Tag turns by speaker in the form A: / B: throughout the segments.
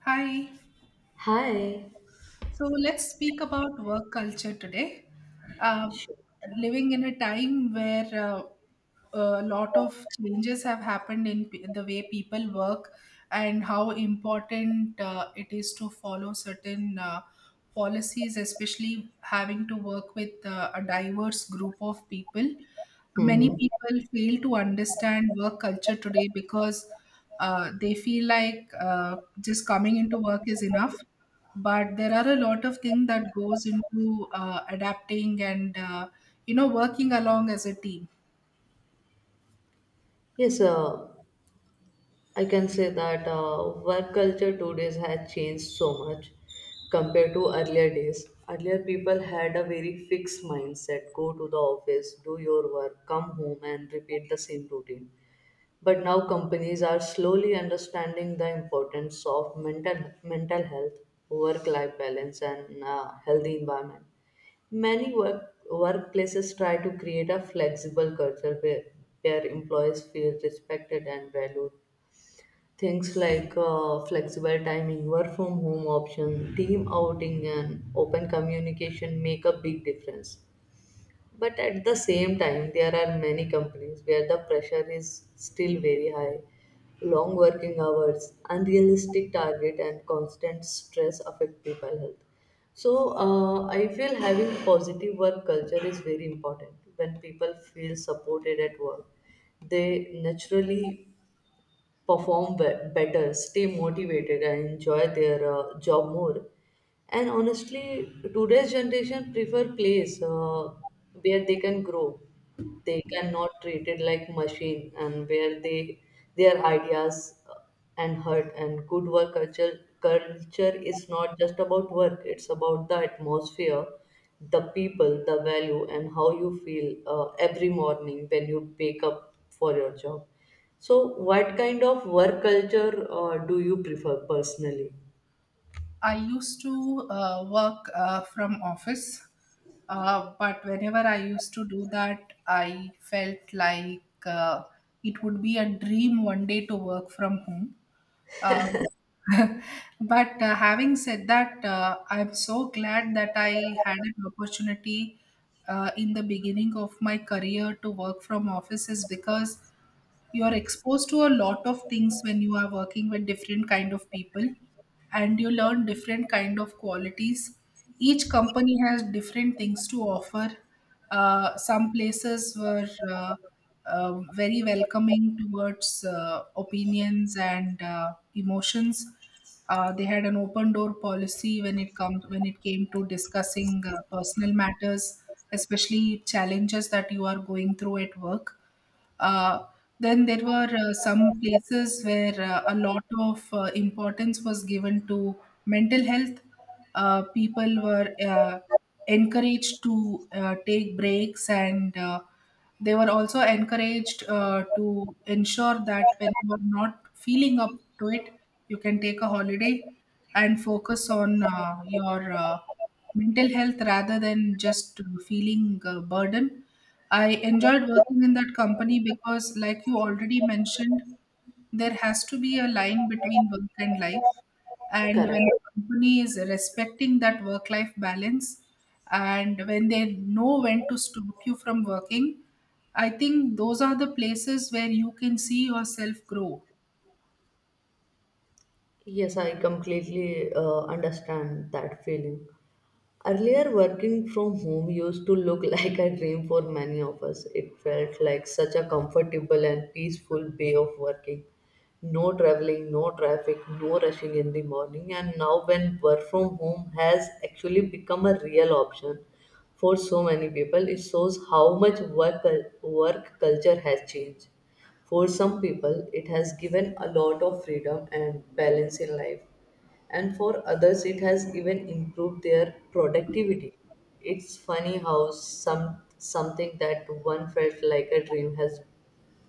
A: Hi.
B: Hi.
A: So let's speak about work culture today. Uh, Living in a time where a lot of changes have happened in the way people work, and how important it is to follow certain policies, especially having to work with a diverse group of people. Many
B: Hmm.
A: people fail to understand work culture today because they feel like just coming into work is enough. But there are a lot of things that goes into adapting and working along as a team.
B: Yes, I can say that work culture today has changed so much compared to earlier days. Earlier, people had a very fixed mindset: go to the office, do your work, come home, and repeat the same routine. But now companies are slowly understanding the importance of mental health, work-life balance, and a healthy environment. Many work, Workplaces try to create a flexible culture where employees feel respected and valued. Things like flexible timing, work from home option, team outing, and open communication make a big difference. But at the same time, there are many companies where the pressure is still very high. Long working hours, unrealistic target, and constant stress affect people health. So I feel having positive work culture is very important. When people feel supported at work, they naturally better, stay motivated, and enjoy their job more. And honestly, today's generation prefer place where they can grow. They cannot treat it like machine, and where they their ideas and hurt and good work culture is not just about work. It's about the atmosphere, the people, the value, and how you feel every morning when you wake up for your job. So, what kind of work culture do you prefer personally?
A: I used to work from office, but whenever I used to do that, I felt like it would be a dream one day to work from home. Um, but having said that, I'm so glad that I had an opportunity in the beginning of my career to work from offices, because you're exposed to a lot of things when you are working with different kind of people, and you learn different kind of qualities. Each company has different things to offer. Some places were very welcoming towards opinions and emotions. They had an open door policy when it came to discussing personal matters, especially challenges that you are going through at work. Uh, then there were some places where a lot of importance was given to mental health. People were encouraged to take breaks, and they were also encouraged to ensure that when you are not feeling up to it, you can take a holiday and focus on your mental health rather than just feeling burden. I enjoyed working in that company because, like you already mentioned, there has to be a line between work and life. And when the
B: Correct.
A: company is respecting that work life balance, and when they know when to stop you from working, I think those are the places where you can see yourself grow.
B: Yes, I completely understand that feeling. Earlier, working from home used to look like a dream for many of us. It felt like such a comfortable and peaceful way of working. No traveling, no traffic, no rushing in the morning. And now, when work from home has actually become a real option for so many people, it shows how much work culture has changed. For some people, it has given a lot of freedom and balance in life, and for others, it has even improved their productivity. It's funny how something that one felt like a dream has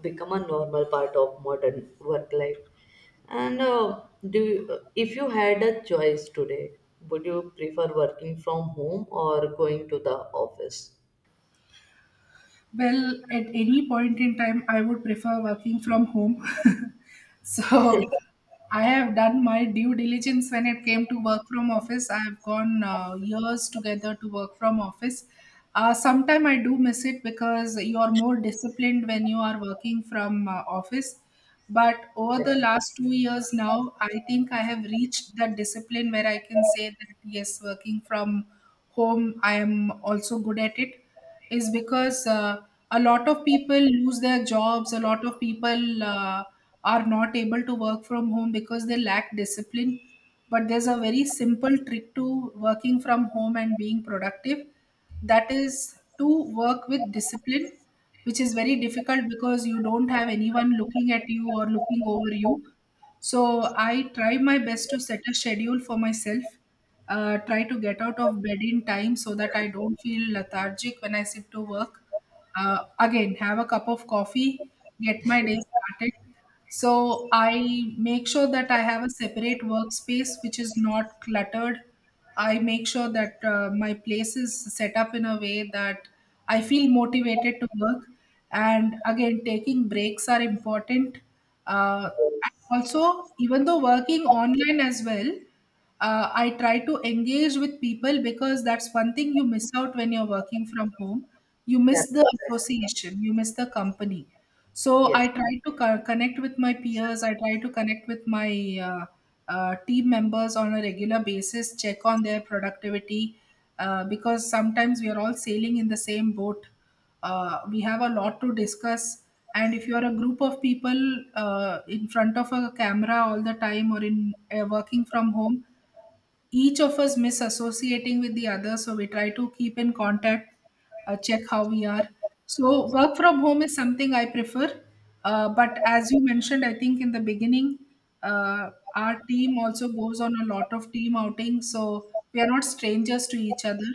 B: become a normal part of modern work life. And if you had a choice today, would you prefer working from home or going to the office?
A: Well, at any point in time, I would prefer working from home. So I have done my due diligence when it came to work from office. I have gone years together to work from office. Sometime I do miss it because you are more disciplined when you are working from office. But over the last 2 years now, I think I have reached that discipline where I can say that yes, working from home, I am also good at it. Is because a lot of people lose their jobs, a lot of people are not able to work from home because they lack discipline. But there's a very simple trick to working from home and being productive, that is to work with discipline, which is very difficult because you don't have anyone looking at you or looking over you. So I try my best to set a schedule for myself. Try to get out of bed in time so that I don't feel lethargic when I sit to work. Again, have a cup of coffee, get my day started. So I make sure that I have a separate workspace which is not cluttered. I make sure that my place is set up in a way that I feel motivated to work. And again, taking breaks are important. Uh,
B: Yes.
A: also, even though working online as well, I try to engage with people because that's one thing you miss out when you're working from home. You
B: Yeah.
A: miss the association, you miss the company. So I
B: Yes.
A: try to connect with my peers, I try to connect with my uh, team members on a regular basis, check on their productivity, because sometimes we are all sailing in the same boat. Uh, we have a lot to discuss, and if you're a group of people in front of a camera all the time, or in working from home, each of us misassociating with the other, so we try to keep in contact, check how we are. So work from home is something I prefer. Uh, but as you mentioned, I think in the beginning, our team also goes on a lot of team outings, so we are not strangers to each other.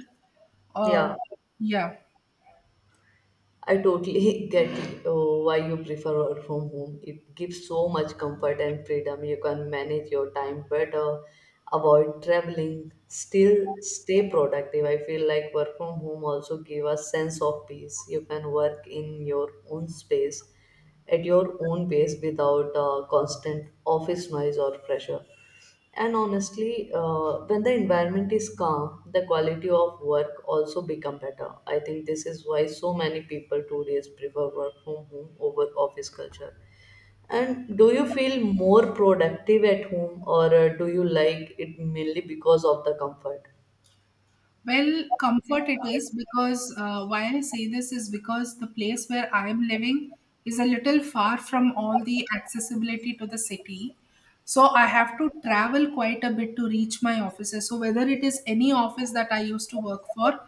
A: Uh,
B: Yeah.
A: yeah.
B: I totally get uh, why you prefer work from home. It gives so much comfort and freedom. You can manage your time better, avoid traveling, still stay productive. I feel like work from home also give a sense of peace. You can work in your own space at your own pace without constant office noise or pressure. And honestly, when the environment is calm, the quality of work also become better. I think this is why so many people nowadays prefer work from home over office culture. And do you feel more productive at home, or do you like it mainly because of the comfort?
A: Well, comfort it is, because why I say this is because the place where I am living is a little far from all the accessibility to the city. So I have to travel quite a bit to reach my offices. So whether it is any office that I used to work for,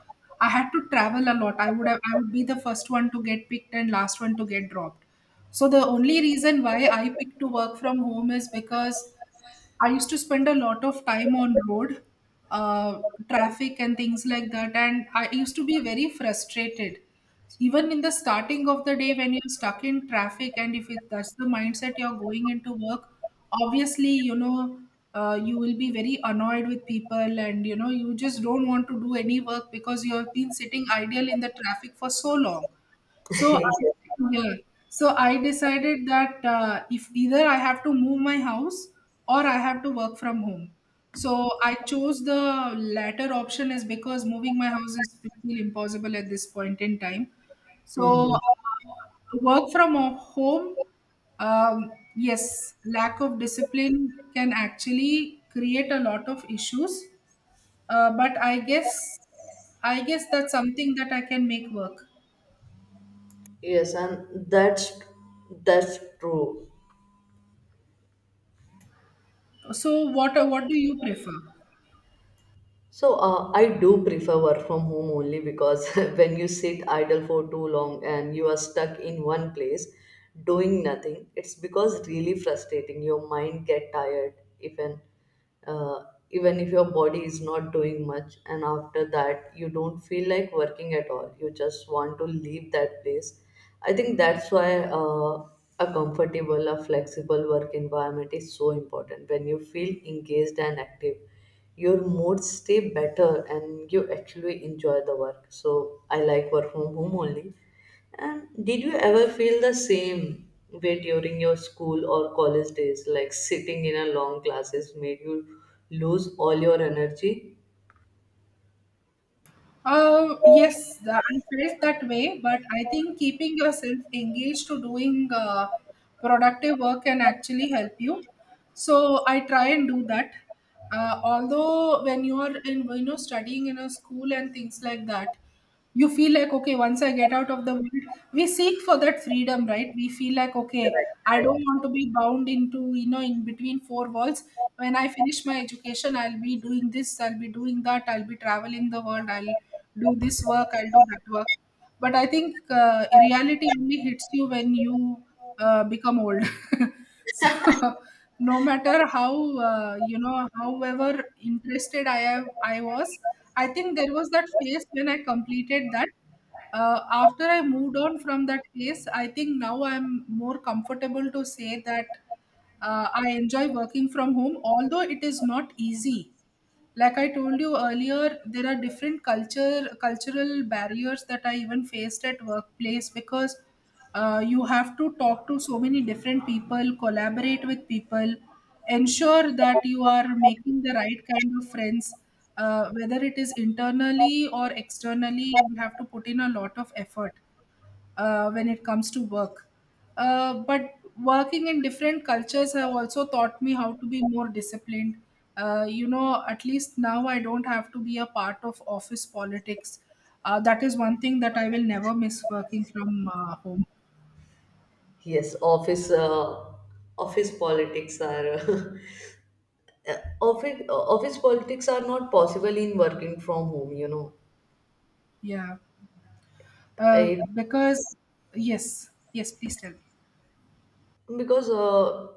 A: I had to travel a lot. I would have, I would be the first one to get picked and last one to get dropped. So the only reason why I pick to work from home is because I used to spend a lot of time on road, uh, traffic and things like that, and I used to be very frustrated. Even in the starting of the day, when you're stuck in traffic, and if it, that's the mindset you're going into work, obviously, you will be very annoyed with people, and you just don't want to do any work because you have been sitting idle in the traffic for so long. so I-
B: Yes.
A: yeah, so I decided that if either I have to move my house or I have to work from home. So I chose the latter option, is because moving my house is really impossible at this point in time. So
B: Mhm.
A: work from home, yes, lack of discipline can actually create a lot of issues. But I guess that's something that I can make work.
B: Yes, and that's true.
A: So what do you prefer?
B: So I do prefer work from home only because when you sit idle for too long and you are stuck in one place doing nothing, it's because really frustrating. Your mind get tired even uh, even if your body is not doing much, and after that you don't feel like working at all. You just want to leave that place. I think that's why a comfortable, a flexible work environment is so important. When you feel engaged and active, your moods stay better and you actually enjoy the work. So I like work from home only. And did you ever feel the same way during your school or college days? Like sitting in a long classes made you lose all your energy?
A: Yes, I felt that way, but I think keeping yourself engaged to doing productive work can actually help you. So I try and do that. Although when you are in, you know, studying in a school and things like that, you feel like, okay, once I get out of the world, we seek for that freedom, right? We feel like, okay,
B: Correct,
A: I don't
B: correct.
A: want to be bound into, in between four walls. When I finish my education, I'll be doing this, I'll be doing that, I'll be traveling the world, I'll do this work, I'll do that work. But I think reality only hits you when you become old. So no matter how, however interested I was. I think there was that phase when I completed that. After I moved on from that phase, I think now I'm more comfortable to say that I enjoy working from home, although it is not easy. Like I told you earlier, there are different culture cultural barriers that I even faced at workplace, because you have to talk to so many different people, collaborate with people, ensure that you are making the right kind of friends, whether it is internally or externally, you have to put in a lot of effort when it comes to work. But working in different cultures have also taught me how to be more disciplined. You know, at least now I don't have to be a part of office politics. That is one thing that I will never miss working from home.
B: Yes, office politics are, office politics are not possible in working from home. You know,
A: Yeah. Uh,
B: it
A: because, yes, yes, please tell me.
B: because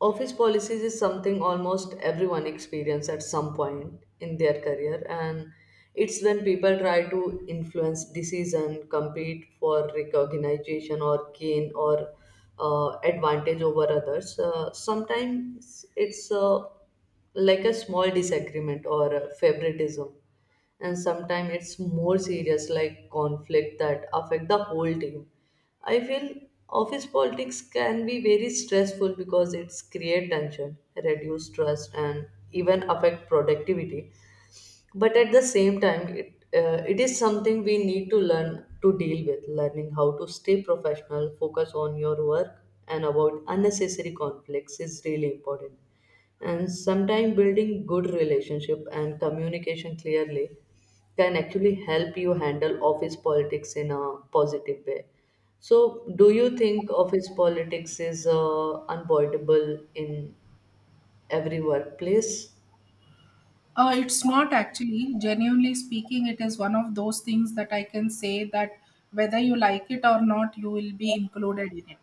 B: office policies is something almost everyone experience at some point in their career, and it's when people try to influence decision, compete for recognition or gain or advantage over others. Sometimes it's like a small disagreement or a favoritism, and sometimes it's more serious, like conflict that affect the whole team. I feel office politics can be very stressful because it's create tension, reduce trust, and even affect productivity. But at the same time, it is something we need to learn to deal with. Learning how to stay professional, focus on your work, and avoid unnecessary conflicts is really important, and sometimes building good relationship and communication clearly can actually help you handle office politics in a positive way. So do you think office politics is unavoidable in every workplace?
A: It's not actually, genuinely speaking, it is one of those things that I can say that whether you like it or not, you will be included in it.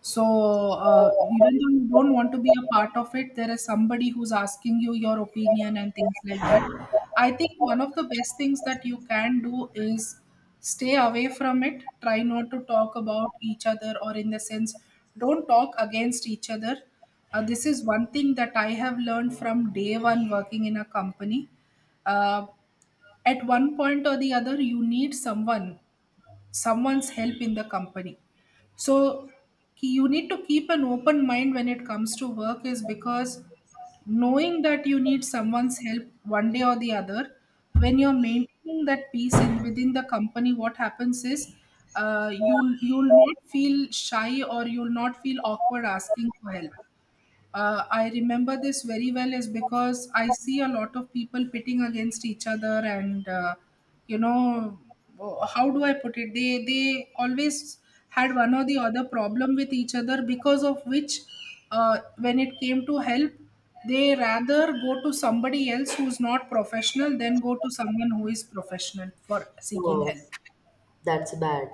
A: So even though you don't want to be a part of it, there is somebody who's asking you your opinion and things like that. I think one of the best things that you can do is stay away from it. Try not to talk about each other, or in the sense, don't talk against each other. This is one thing that I have learned from day one working in a company. Uh, at one point or the other, you need someone's help in the company. So you need to keep an open mind when it comes to work, is because knowing that you need someone's help one day or the other, when you're maintaining that peace in within the company, what happens is you'll not feel shy, or you'll not feel awkward asking for help. Uh, I remember this very well, is because I see a lot of people pitting against each other, and you know, how do I put it? They always had one or the other problem with each other, because of which, when it came to help, they rather go to somebody else who's not professional than go to someone who is professional for seeking
B: Oh,
A: help.
B: that's bad.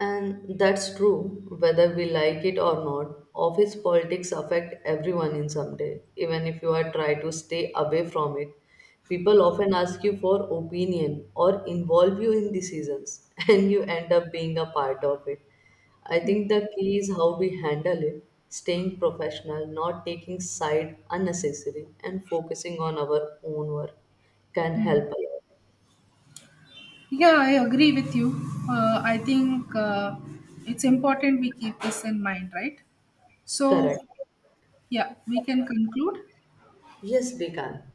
B: And that's true, whether we like it or not, office politics affect everyone in some day. Even if you are try to stay away from it, people often ask you for opinion or involve you in decisions and you end up being a part of it. I think the key is how we handle it: staying professional, not taking side unnecessary, and focusing on our own work can help a lot.
A: Yeah, I agree with you. I think it's important we keep this in mind, right?
B: Correct.
A: So, yeah, we can conclude.
B: Yes, we can.